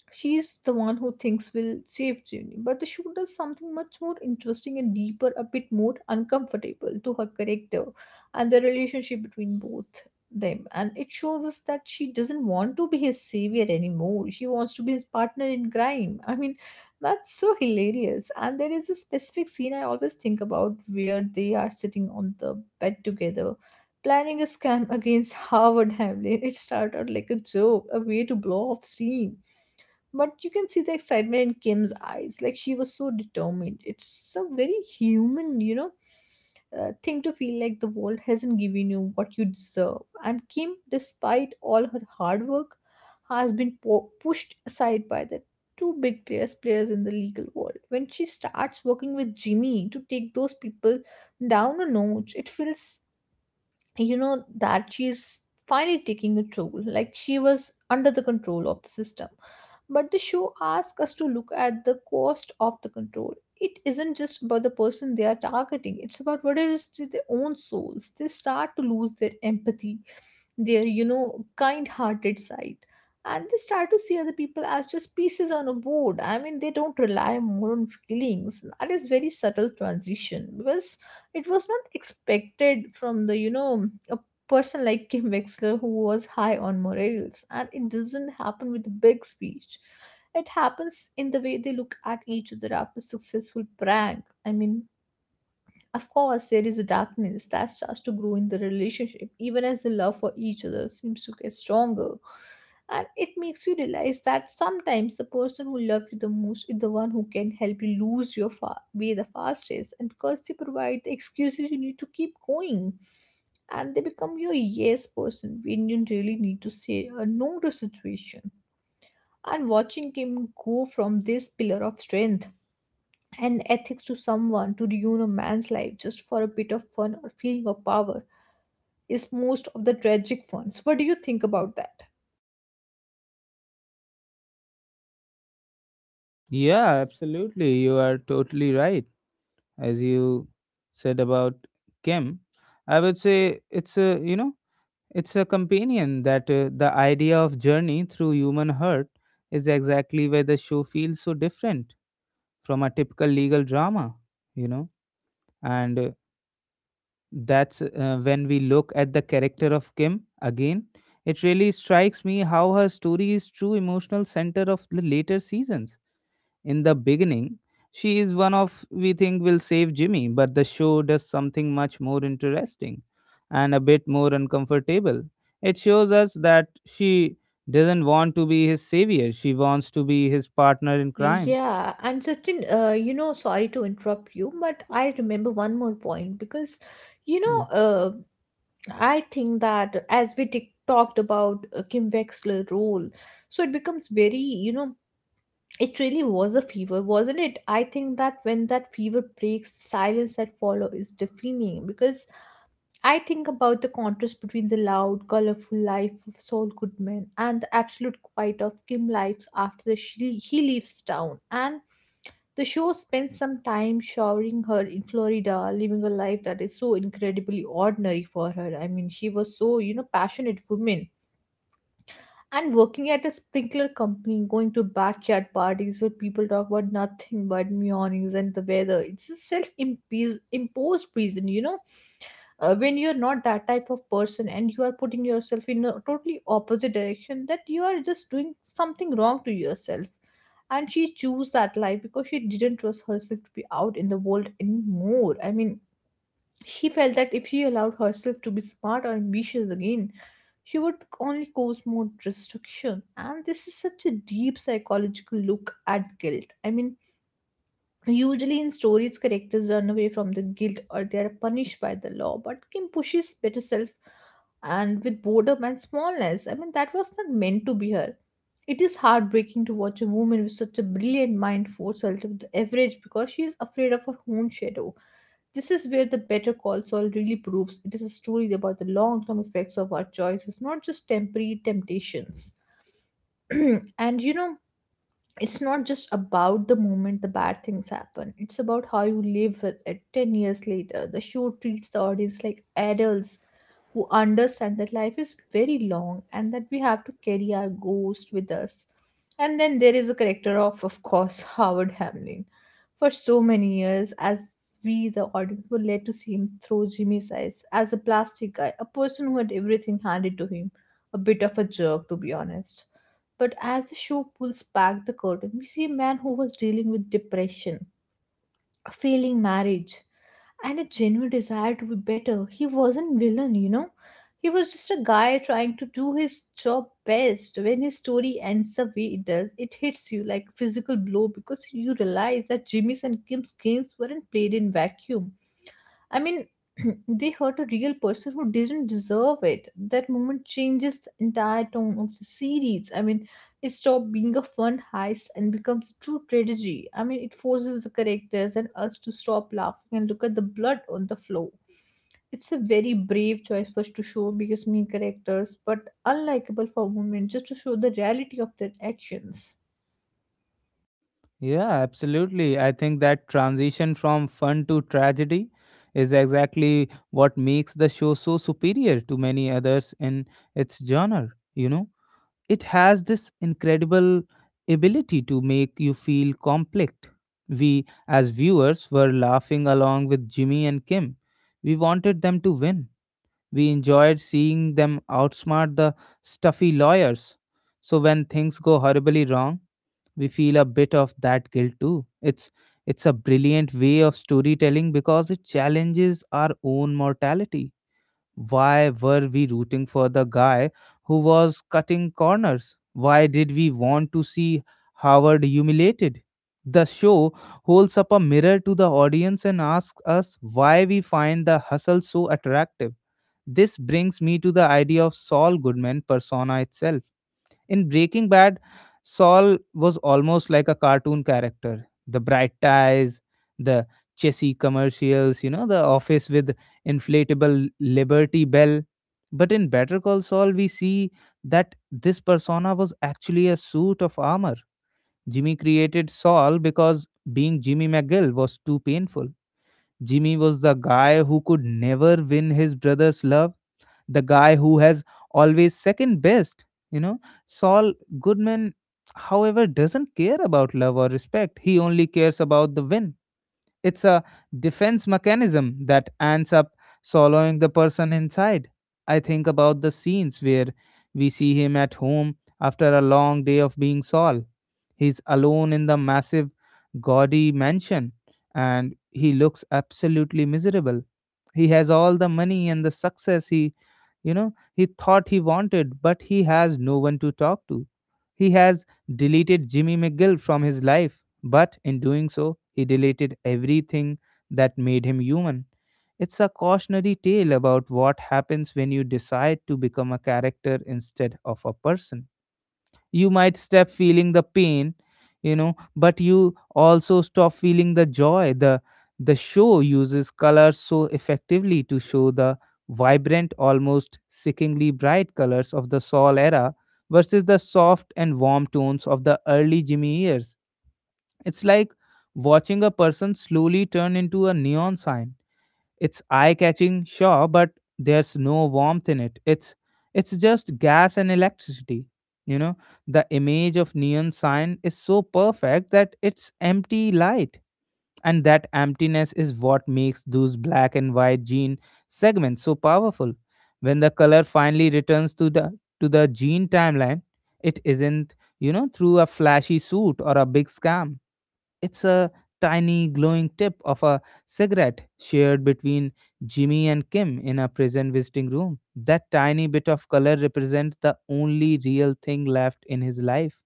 she's the one who thinks will save Jimmy, but the show does something much more interesting and deeper, a bit more uncomfortable to her character and the relationship between both them. And it shows us that she doesn't want to be his savior anymore. She wants to be his partner in crime. I mean, that's so hilarious. And there is a specific scene I always think about where they are sitting on the bed together planning a scam against Harvard Hamlin. It started out like a joke, a way to blow off steam. But you can see the excitement in Kim's eyes. Like she was so determined. It's a very human, you know, uh, thing to feel like the world hasn't given you what you deserve. And Kim, despite all her hard work, has been po- pushed aside by the two big players players in the legal world. When she starts working with Jimmy to take those people down a notch, it feels, you know, that she's finally taking a toll, like she was under the control of the system. But the show asks us to look at the cost of the control. It isn't just about the person they are targeting, it's about what it is to their own souls. They start to lose their empathy, their, you know, kind-hearted side, and they start to see other people as just pieces on a board. I mean, they don't rely more on feelings. That is very subtle transition, because it was not expected from the, you know, a person like Kim Wexler, who was high on morals. And it doesn't happen with a big speech, it happens in the way they look at each other after successful prank. I mean, of course, there is a darkness that starts to grow in the relationship, even as the love for each other seems to get stronger. And it makes you realize that sometimes the person who loves you the most is the one who can help you lose your fa- way the fastest, and because they provide the excuses you need to keep going, and they become your yes person when you really need to say a no to a situation. And watching him go from this pillar of strength and ethics to someone to ruin a man's life just for a bit of fun or feeling of power is most of the tragic ones. What do you think about that?
Yeah, absolutely. You are totally right. As you said about Kim, I would say it's a, you know, it's a companion that uh, the idea of journey through human hurt is exactly where the show feels so different from a typical legal drama, you know, and uh, that's uh, when we look at the character of Kim again. It really strikes me how her story is true emotional center of the later seasons. In the beginning, she is one of we think will save Jimmy, but the show does something much more interesting and a bit more uncomfortable. It shows us that she doesn't want to be his savior, she wants to be his partner in crime.
Yeah, and Sachin, uh, you know, sorry to interrupt you, but I remember one more point because, you know,
Yeah.
uh, I think that as we t- talked about uh, Kim Wexler role, so it becomes very, you know. It really was a fever, wasn't it? I think that when that fever breaks, the silence that follows is deafening, because I think about the contrast between the loud, colorful life of Saul Goodman and the absolute quiet of Kim lives after the she, he leaves town. And the show spends some time showering her in Florida, living a life that is so incredibly ordinary for her. I mean, she was so, you know, passionate woman and working at a sprinkler company, going to backyard parties where people talk about nothing but meowings and the weather. It's a self imposed prison, you know, uh, when you're not that type of person and you are putting yourself in a totally opposite direction, that you are just doing something wrong to yourself. And she chose that life because she didn't trust herself to be out in the world anymore. I mean, she felt that if she allowed herself to be smart or ambitious again, she would only cause more destruction. And this is such a deep psychological look at guilt. I mean, usually in stories, characters run away from the guilt or they are punished by the law, but Kim pushes better self and with boredom and smallness. I mean, that was not meant to be her. It is heartbreaking to watch a woman with such a brilliant mind force herself to the average because she is afraid of her own shadow. This is where the Better Call Saul really proves it is a story about the long term effects of our choices, not just temporary temptations. And you know, it's not just about the moment the bad things happen, it's about how you live with it ten years later. The show treats the audience like adults who understand that life is very long and that we have to carry our ghost with us. And then there is a character of of course, Howard Hamlin. For so many years, as we the audience were led to see him through Jimmy's eyes as a plastic guy, a person who had everything handed to him, a bit of a jerk to be honest. But as the show pulls back the curtain, we see a man who was dealing with depression, a failing marriage, and a genuine desire to be better. He wasn't villain, you know. He was just a guy trying to do his job best. When his story ends the way it does, it hits you like a physical blow because you realize that Jimmy's and Kim's games weren't played in vacuum. I mean, they hurt a real person who didn't deserve it. That moment changes the entire tone of the series. I mean, it stopped being a fun heist and becomes true tragedy. I mean, it forces the characters and us to stop laughing and look at the blood on the floor. It's a very brave choice for us to show because mean characters, but unlikable for a moment just to show the reality of their actions.
Yeah, absolutely. I think that transition from fun to tragedy is exactly what makes the show so superior to many others in its genre, you know? It has this incredible ability to make you feel complex. We, as viewers, were laughing along with Jimmy and Kim. We wanted them to win. We enjoyed seeing them outsmart the stuffy lawyers. So when things go horribly wrong, we feel a bit of that guilt too. It's it's a brilliant way of storytelling because it challenges our own mortality. Why were we rooting for the guy who was cutting corners? Why did we want to see Howard humiliated? The show holds up a mirror to the audience and asks us why we find the hustle so attractive. This brings me to the idea of Saul Goodman persona itself. In Breaking Bad, Saul was almost like a cartoon character. The bright ties, the chessy commercials, you know, the office with inflatable Liberty Bell. But in Better Call Saul, we see that this persona was actually a suit of armor. Jimmy created Saul because being Jimmy McGill was too painful. Jimmy was the guy who could never win his brother's love, the guy who has always second best. You know, Saul Goodman, however, doesn't care about love or respect. He only cares about the win. It's a defense mechanism that ends up swallowing the person inside. I think about the scenes where we see him at home after a long day of being Saul. He's alone in the massive, gaudy mansion, and he looks absolutely miserable. He has all the money and the success he, you know, he thought he wanted, but he has no one to talk to. He has deleted Jimmy McGill from his life, but in doing so, he deleted everything that made him human. It's a cautionary tale about what happens when you decide to become a character instead of a person. You might stop feeling the pain, you know but you also stop feeling the joy. The the show uses colors so effectively to show the vibrant, almost sickeningly bright colors of the Saul era versus the soft and warm tones of the early Jimmy years. It's like watching a person slowly turn into a neon sign. It's eye-catching, sure, but there's no warmth in it. It's it's just gas and electricity. You know, the image of neon sign is so perfect that it's empty light. And that emptiness is what makes those black and white gene segments so powerful. When the color finally returns to the to the gene timeline, it isn't, you know, through a flashy suit or a big scam. It's a tiny glowing tip of a cigarette shared between Jimmy and Kim in a prison visiting room. That tiny bit of color represents the only real thing left in his life,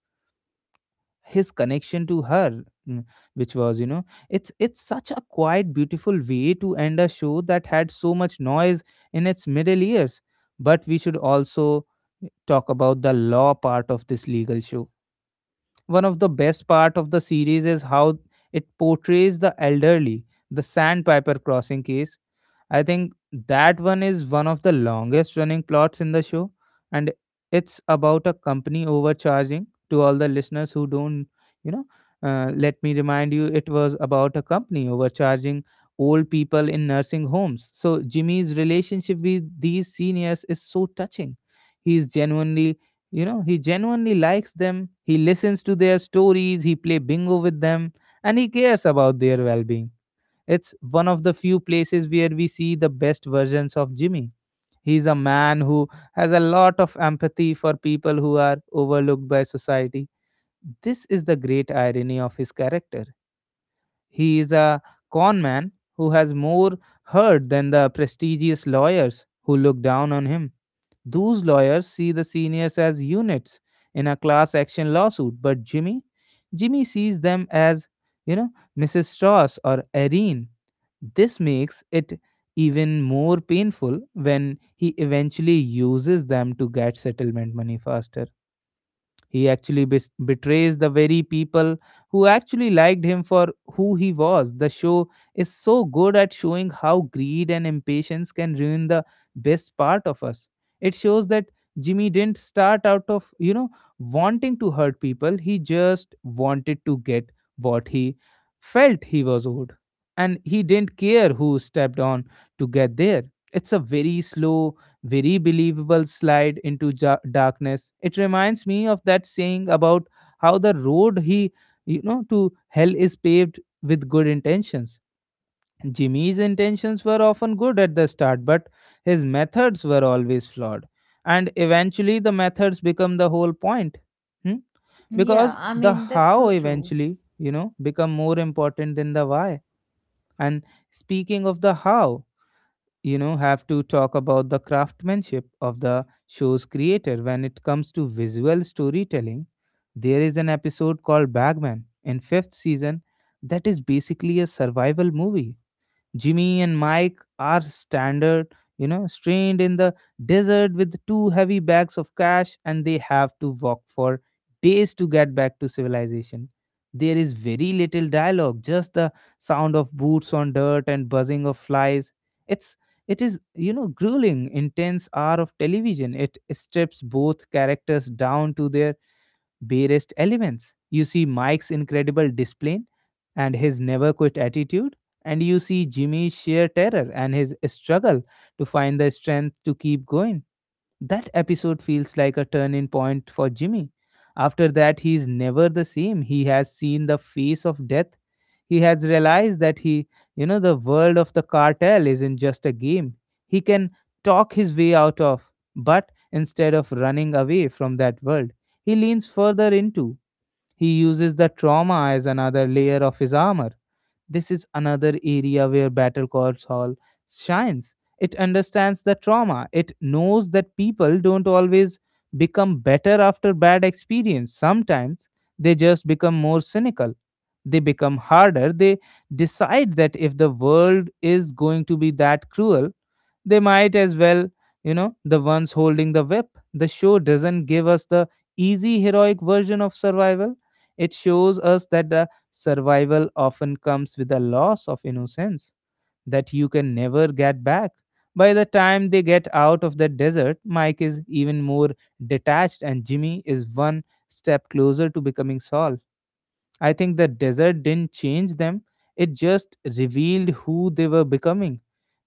his connection to her. Mm, which was, you know it's it's such a quiet, beautiful way to end a show that had so much noise in its middle years. But we should also talk about the law part of this legal show. One of the best part of the series is how it portrays the elderly, the sandpiper crossing case. I think that one is one of the longest running plots in the show, and it's about a company overcharging. To all the listeners who don't, you know, uh, let me remind you, it was about a company overcharging old people in nursing homes. So Jimmy's relationship with these seniors is so touching. He is genuinely, you know he genuinely likes them, he listens to their stories, he play bingo with them, and he cares about their well-being. It's one of the few places where we see the best versions of Jimmy. He's a man who has a lot of empathy for people who are overlooked by society. This is the great irony of his character. He is a con man who has more hurt than the prestigious lawyers who look down on him. Those lawyers see the seniors as units in a class action lawsuit, but Jimmy, Jimmy sees them as, you know, Missus Strauss or Irene. This makes it even more painful when he eventually uses them to get settlement money faster. He actually bes- betrays the very people who actually liked him for who he was. The show is so good at showing how greed and impatience can ruin the best part of us. It shows that Jimmy didn't start out of, you know, wanting to hurt people. He just wanted to get what he felt he was owed. And he didn't care who stepped on to get there. It's a very slow, very believable slide into ja- darkness. It reminds me of that saying about how the road he you know to hell is paved with good intentions. Jimmy's intentions were often good at the start, but his methods were always flawed, and eventually the methods become the whole point. Hmm?
Yeah,
Because
I
the
mean, that's
how
so true.
eventually, you know become more important than the why. And speaking of the how, you know have to talk about the craftsmanship of the show's creator when it comes to visual storytelling. There is an episode called bagman in fifth season that is basically a survival movie. Jimmy and Mike are standard, you know, strained in the desert with two heavy bags of cash, and they have to walk for days to get back to civilization. There is very little dialogue, just the sound of boots on dirt and buzzing of flies. It's it is, you know, grueling, intense hour of television. It strips both characters down to their barest elements. You see Mike's incredible discipline and his never quit attitude, and you see Jimmy's sheer terror and his struggle to find the strength to keep going. That episode feels like a turning point for Jimmy. After that, he is never the same. He has seen the face of death. He has realized that he, you know, the world of the cartel isn't just a game. He can talk his way out of, but instead of running away from that world, he leans further into. He uses the trauma as another layer of his armor. This is another area where Battle Call Saul shines. It understands the trauma. It knows that people don't always become better after bad experience. Sometimes they just become more cynical, they become harder. They decide that if the world is going to be that cruel, they might as well, you know, the ones holding the whip. The show doesn't give us the easy heroic version of survival. It shows us that the survival often comes with a loss of innocence that you can never get back. By the time they get out of the desert, Mike is even more detached, and Jimmy is one step closer to becoming Saul. I think the desert didn't change them, it just revealed who they were becoming.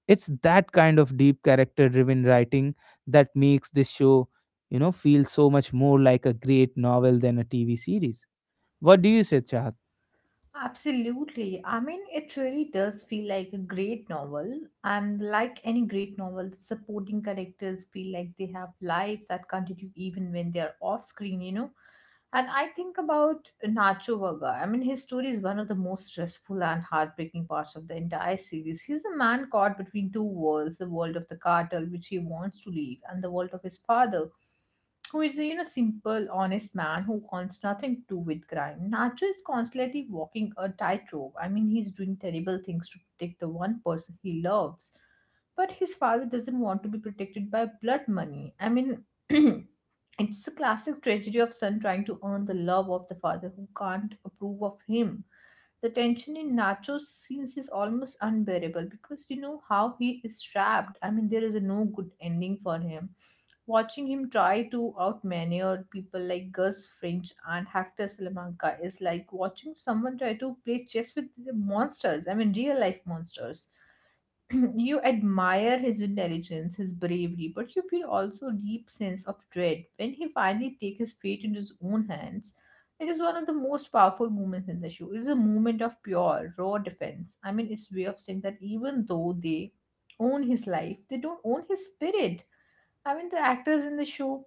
It's that kind of deep character driven writing that makes this show, you know, feel so much more like a great novel than a T V series. What do you say, Chahat?
Absolutely. I mean, it really does feel like a great novel. And like any great novel, the supporting characters feel like they have lives that continue even when they are off screen, you know? And I think about Nacho Vaga. I mean, his story is one of the most stressful and heartbreaking parts of the entire series. He's a man caught between two worlds, the world of the cartel, which he wants to leave, and the world of his father, who is, you know, simple honest man who wants nothing to do with crime. Nacho is constantly walking a tightrope. I mean, he's doing terrible things to protect the one person he loves, but his father doesn't want to be protected by blood money. I mean, it's a classic tragedy of son trying to earn the love of the father who can't approve of him. The tension in Nacho's scenes is almost unbearable because you know how he is trapped. I mean, there is a no good ending for him. Watching him try to outmaneuver people like Gus Fringe and Hector Salamanca is like watching someone try to play chess with the monsters. I mean, real life monsters. You admire his intelligence, his bravery, but you feel also a deep sense of dread when he finally takes his fate into his own hands. It is one of the most powerful moments in the show. It is a moment of pure, raw defense. I mean, it's way of saying that even though they own his life, they don't own his spirit. I mean, the actors in the show,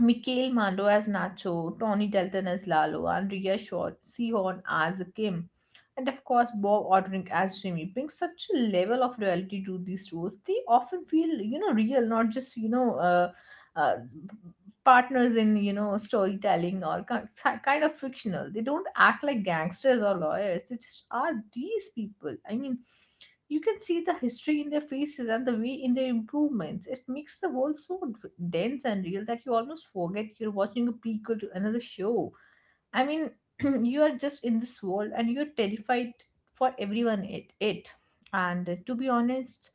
Mikhail Mando as Nacho, Tony Dalton as Lalo, and Rhea Shaw, Sehorn as Kim, and of course Bob Ordrink as Jimmy, bring such a level of reality to these roles. They often feel, you know, real, not just, you know, uh, uh, partners in, you know, storytelling or ki- kind of fictional. They don't act like gangsters or lawyers. They just are these people. I mean, you can see the history in their faces and the way in their improvements. It makes the world so d- dense and real that you almost forget you're watching a prequel to another show. I mean, you are just in this world and you're terrified for everyone it. it. And uh, to be honest,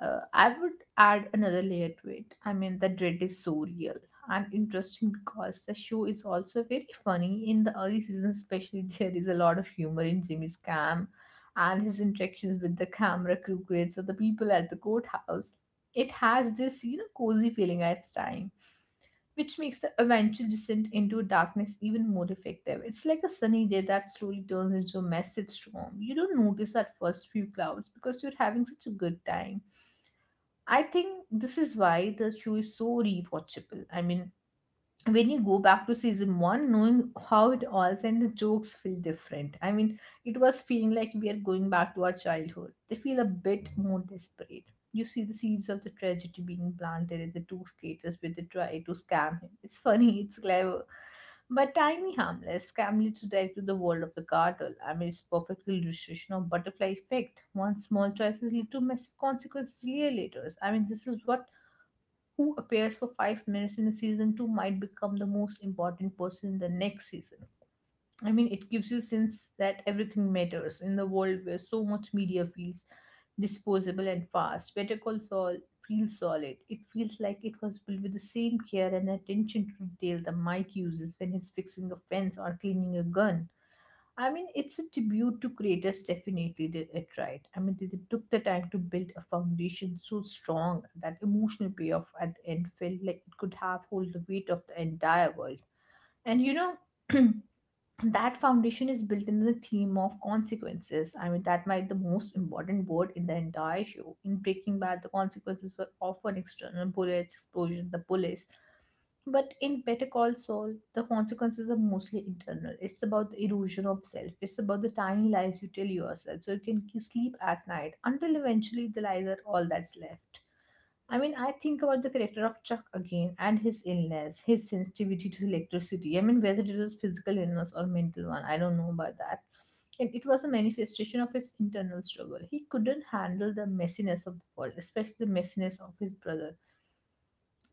uh, I would add another layer to it. I mean, the dread is so real and interesting because the show is also very funny in the early season, especially there is a lot of humor in Jimmy's scam and his interactions with the camera crew kids or the people at the courthouse. It has this, you know, cozy feeling at time, which makes the eventual descent into darkness even more effective. It's like a sunny day that slowly turns into a massive storm. You don't notice that first few clouds because you're having such a good time. I think this is why the show is so rewatchable. I mean, when you go back to season one, knowing how it all ends, and the jokes feel different. I mean, it was feeling like we are going back to our childhood. They feel a bit more desperate. You see the seeds of the tragedy being planted in the two skaters with the try to scam him. It's funny, it's clever. But tiny, harmless, scam leads to direct to the world of the cartel. I mean, it's perfect illustration of butterfly effect. One small choices lead to massive consequences year later. I mean, this is what who appears for five minutes in a season two might become the most important person in the next season. I mean, it gives you a sense that everything matters in the world where so much media feels disposable and fast. Better Call Saul feels solid. It feels like it was built with the same care and attention to detail that Mike uses when he's fixing a fence or cleaning a gun. I mean, it's a tribute to creators, definitely did it right. I mean, they, they took the time to build a foundation so strong that emotional payoff at the end felt like it could have hold the weight of the entire world. And you know, that foundation is built in the theme of consequences. I mean, that might the most important word in the entire show. In Breaking Bad, the consequences were often external bullets, explosion, the police. But in Better Call Saul, the consequences are mostly internal. It's about the erosion of self. It's about the tiny lies you tell yourself so you can ke- sleep at night until eventually the lies are all that's left. I mean, I think about the character of Chuck again and his illness, his sensitivity to electricity. I mean, whether it was physical illness or mental one, I don't know about that. And it was a manifestation of his internal struggle. He couldn't handle the messiness of the world, especially the messiness of his brother.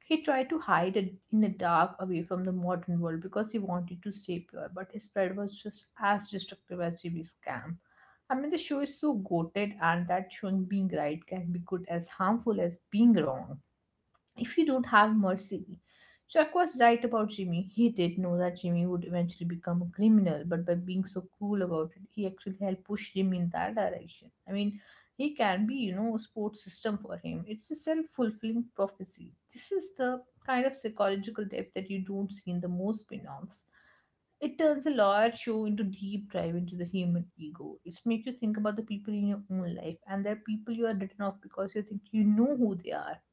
He tried to hide it in the dark away from the modern world because he wanted to stay pure, but his pride was just as destructive as Jimmy's scam. I mean, the show is so goated, and that showing being right can be good as harmful as being wrong. If you don't have mercy. Chuck was right about Jimmy. He did know that Jimmy would eventually become a criminal, but by being so cruel about it, he actually helped push him in that direction. I mean, he can be, you know, a support system for him. It's a self fulfilling prophecy. This is the kind of psychological depth that you don't see in the most spin offs. It turns a lawyer show into deep dive into the human ego. It makes you think about the people in your own life and there are people you are written off because you think you know who they are.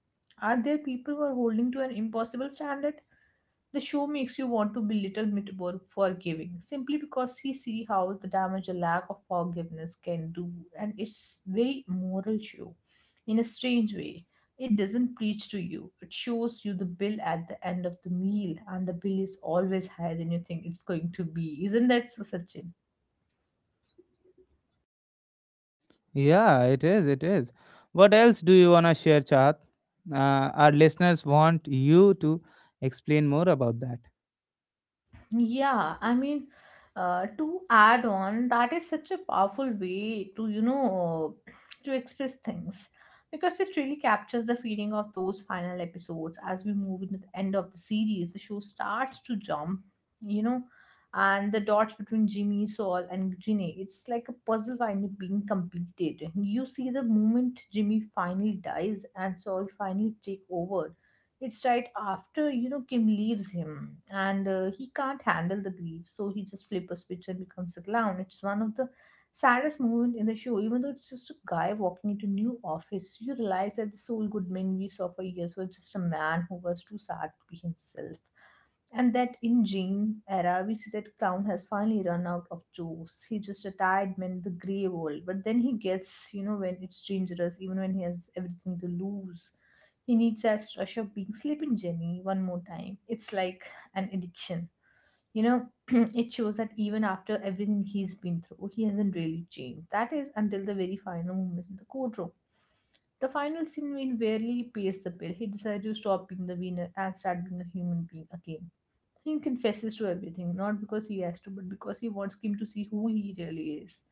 Are there people who are holding to an impossible standard? The show makes you want to be little bit more forgiving, simply because you see how the damage a lack of forgiveness can do, and it's very moral show, in a strange way. It doesn't preach to you. It shows you the bill at the end of the meal, and the bill is always higher than you think it's going to be. Isn't that so, Sachin?
Yeah, it is, it is. What else do you want to share, Chahat? Uh, our listeners want you to explain more about that.
Yeah, I mean, uh, to add on, that is such a powerful way to, you know, to express things because it really captures the feeling of those final episodes. As we move into the end of the series, the show starts to jump, you know, and the dots between Jimmy, Saul, and Ginny, it's like a puzzle finally being completed. You see the moment Jimmy finally dies and Saul finally take over it's right after, you know, Kim leaves him and uh, he can't handle the grief. So he just flips a switch and becomes a clown. It's one of the saddest moment in the show. Even though it's just a guy walking into new office, you realize that the Saul Goodman we saw for years was just a man who was too sad to be himself. And that in Jane era, we see that clown has finally run out of jokes. He's just a tired man in the grey world. But then he gets, you know, when it's dangerous, even when he has everything to lose. He needs that rush of being sleeping Jenny one more time. It's like an addiction. You know, it shows that even after everything he's been through, he hasn't really changed. That is until the very final moments in the courtroom. The final scene when barely pays the bill, he decides to stop being the winner and start being a human being again. He confesses to everything, not because he has to, but because he wants Kim to see who he really is.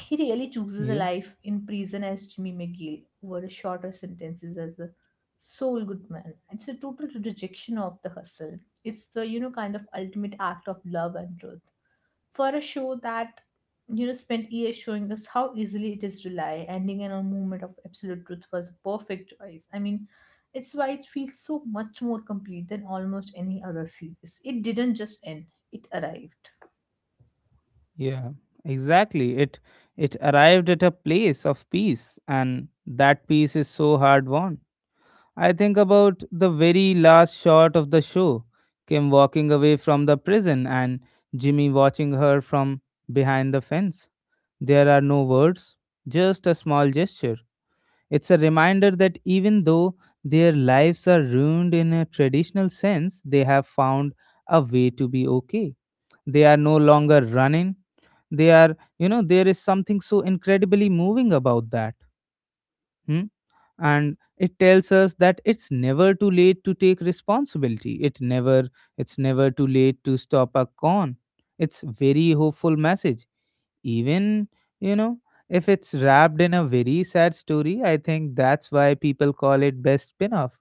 He really chooses a
Yeah.
life in prison as Jimmy McGill over shorter sentences as a soul good man. It's a total rejection of the hustle. It's the, you know, kind of ultimate act of love and truth for a show that, you know, spent years showing us how easily it is to lie ending in a moment of absolute truth was a perfect choice. I mean, it's why it feels so much more complete than almost any other series. It didn't just end, it arrived.
Yeah, exactly. It it arrived at a place of peace, and that peace is so hard won. I think about the very last shot of the show, Kim walking away from the prison and Jimmy watching her from behind the fence. There are no words, just a small gesture. It's a reminder that even though their lives are ruined in a traditional sense, they have found a way to be okay. They are no longer running, they are, you know there is something so incredibly moving about that. Hmm? And it tells us that it's never too late to take responsibility. It never it's never too late to stop a con. It's very hopeful message, even, you know if it's wrapped in a very sad story. I think that's why people call it best spin-off.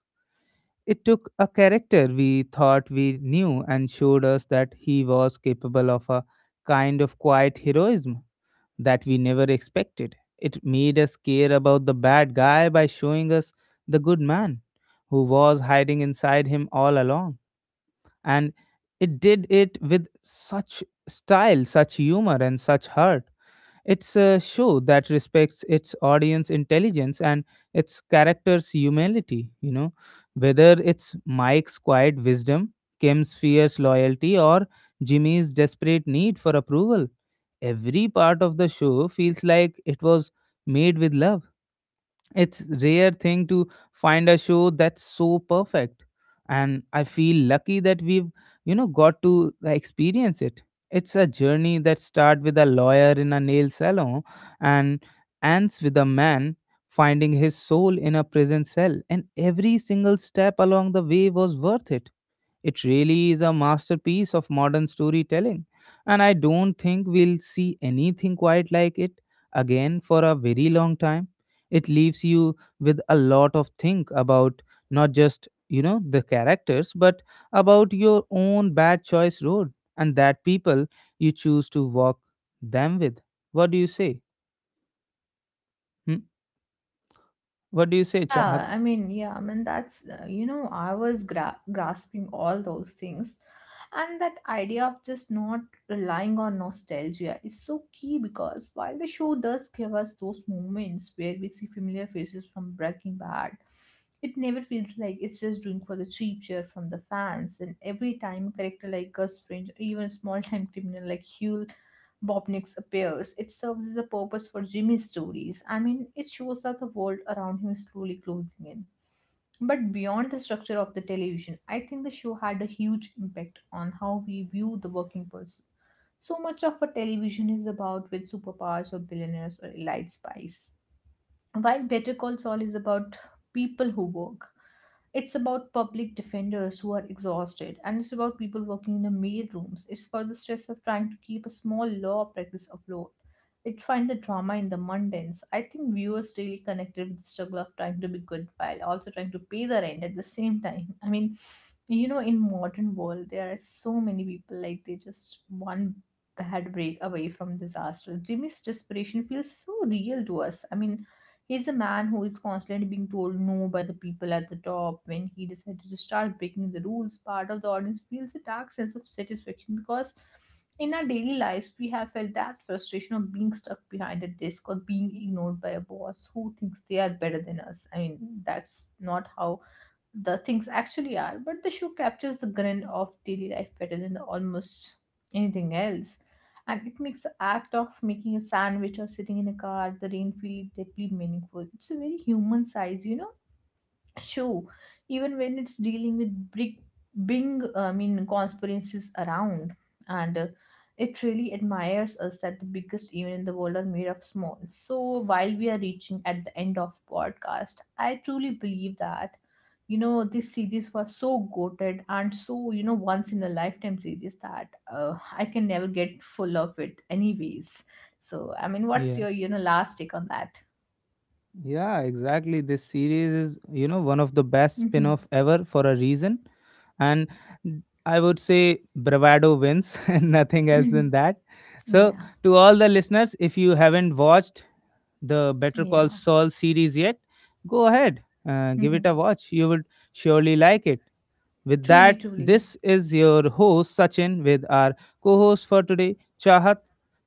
It took a character we thought we knew and showed us that he was capable of a kind of quiet heroism that we never expected. It made us care about the bad guy by showing us the good man who was hiding inside him all along. And it did it with such style, such humor, and such heart. It's a show that respects its audience intelligence and its character's humility, you know, whether it's Mike's quiet wisdom, Kim's fierce loyalty, or Jimmy's desperate need for approval. Every part of the show feels like it was made with love. It's rare thing to find a show that's so perfect, and I feel lucky that we've, you know got to uh, experience it. It's a journey that starts with a lawyer in a nail salon and ends with a man finding his soul in a prison cell, and every single step along the way was worth it. It really is a masterpiece of modern storytelling, and I don't think we'll see anything quite like it again for a very long time. It leaves you with a lot of think about, not just, you know, the characters, but about your own bad choice road and that people you choose to walk them with. What do you say? Hmm? What do you say, Chahat?
Yeah, I mean, yeah, I mean, that's, uh, you know, I was gra grasping all those things. And that idea of just not relying on nostalgia is so key because while the show does give us those moments where we see familiar faces from Breaking Bad, it never feels like it's just doing for the cheap cheer from the fans. And every time a character like Gus Fring, or even a small-time criminal like Huel Bobnix appears. It serves as a purpose for Jimmy's stories. I mean, it shows that the world around him is slowly closing in. But beyond the structure of the television, I think the show had a huge impact on how we view the working person. So much of a television is about with superpowers or billionaires or elite spies. While Better Call Saul is about people who work, it's about public defenders who are exhausted, and it's about people working in the mail rooms. It's about the stress of trying to keep a small law practice afloat. It finds the drama in the mundanes. I think viewers really connected with the struggle of trying to be good while also trying to pay the rent at the same time. I mean, you know, in modern world, there are so many people like they just one bad break away from disaster. Jimmy's desperation feels so real to us. I mean, he's a man who is constantly being told no by the people at the top. When he decided to start breaking the rules, part of the audience feels a dark sense of satisfaction because in our daily lives, we have felt that frustration of being stuck behind a desk or being ignored by a boss who thinks they are better than us. I mean, that's not how the things actually are, but the show captures the grin of daily life better than almost anything else. And it makes the act of making a sandwich or sitting in a car, the rain feel deeply meaningful. It's a very human size, you know? Show, even when it's dealing with big big, I mean, conspiracies around. And uh, it really admires us that the biggest even in the world are made of small. So while we are reaching at the end of podcast, I truly believe that, you know, this series was so goated and so, you know, once in a lifetime series that, uh, I can never get full of it anyways. So I mean, what's
Yeah.
your, you know, last take on that?
Yeah, exactly. This series is, you know, one of the best spin
Hmm.
off ever for a reason. And I would say bravado wins and nothing else than that. So,
Yeah.
to all the listeners, if you haven't watched the Better Call
Yeah.
Saul series yet, go ahead, uh, give it a watch. You would surely like it. With
Truly,
that,
truly.
this is your host Sachin with our co host for today, Chahat.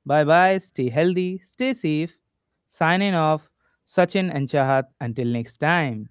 Bye bye, stay healthy, stay safe. Signing off, Sachin and Chahat. Until next time.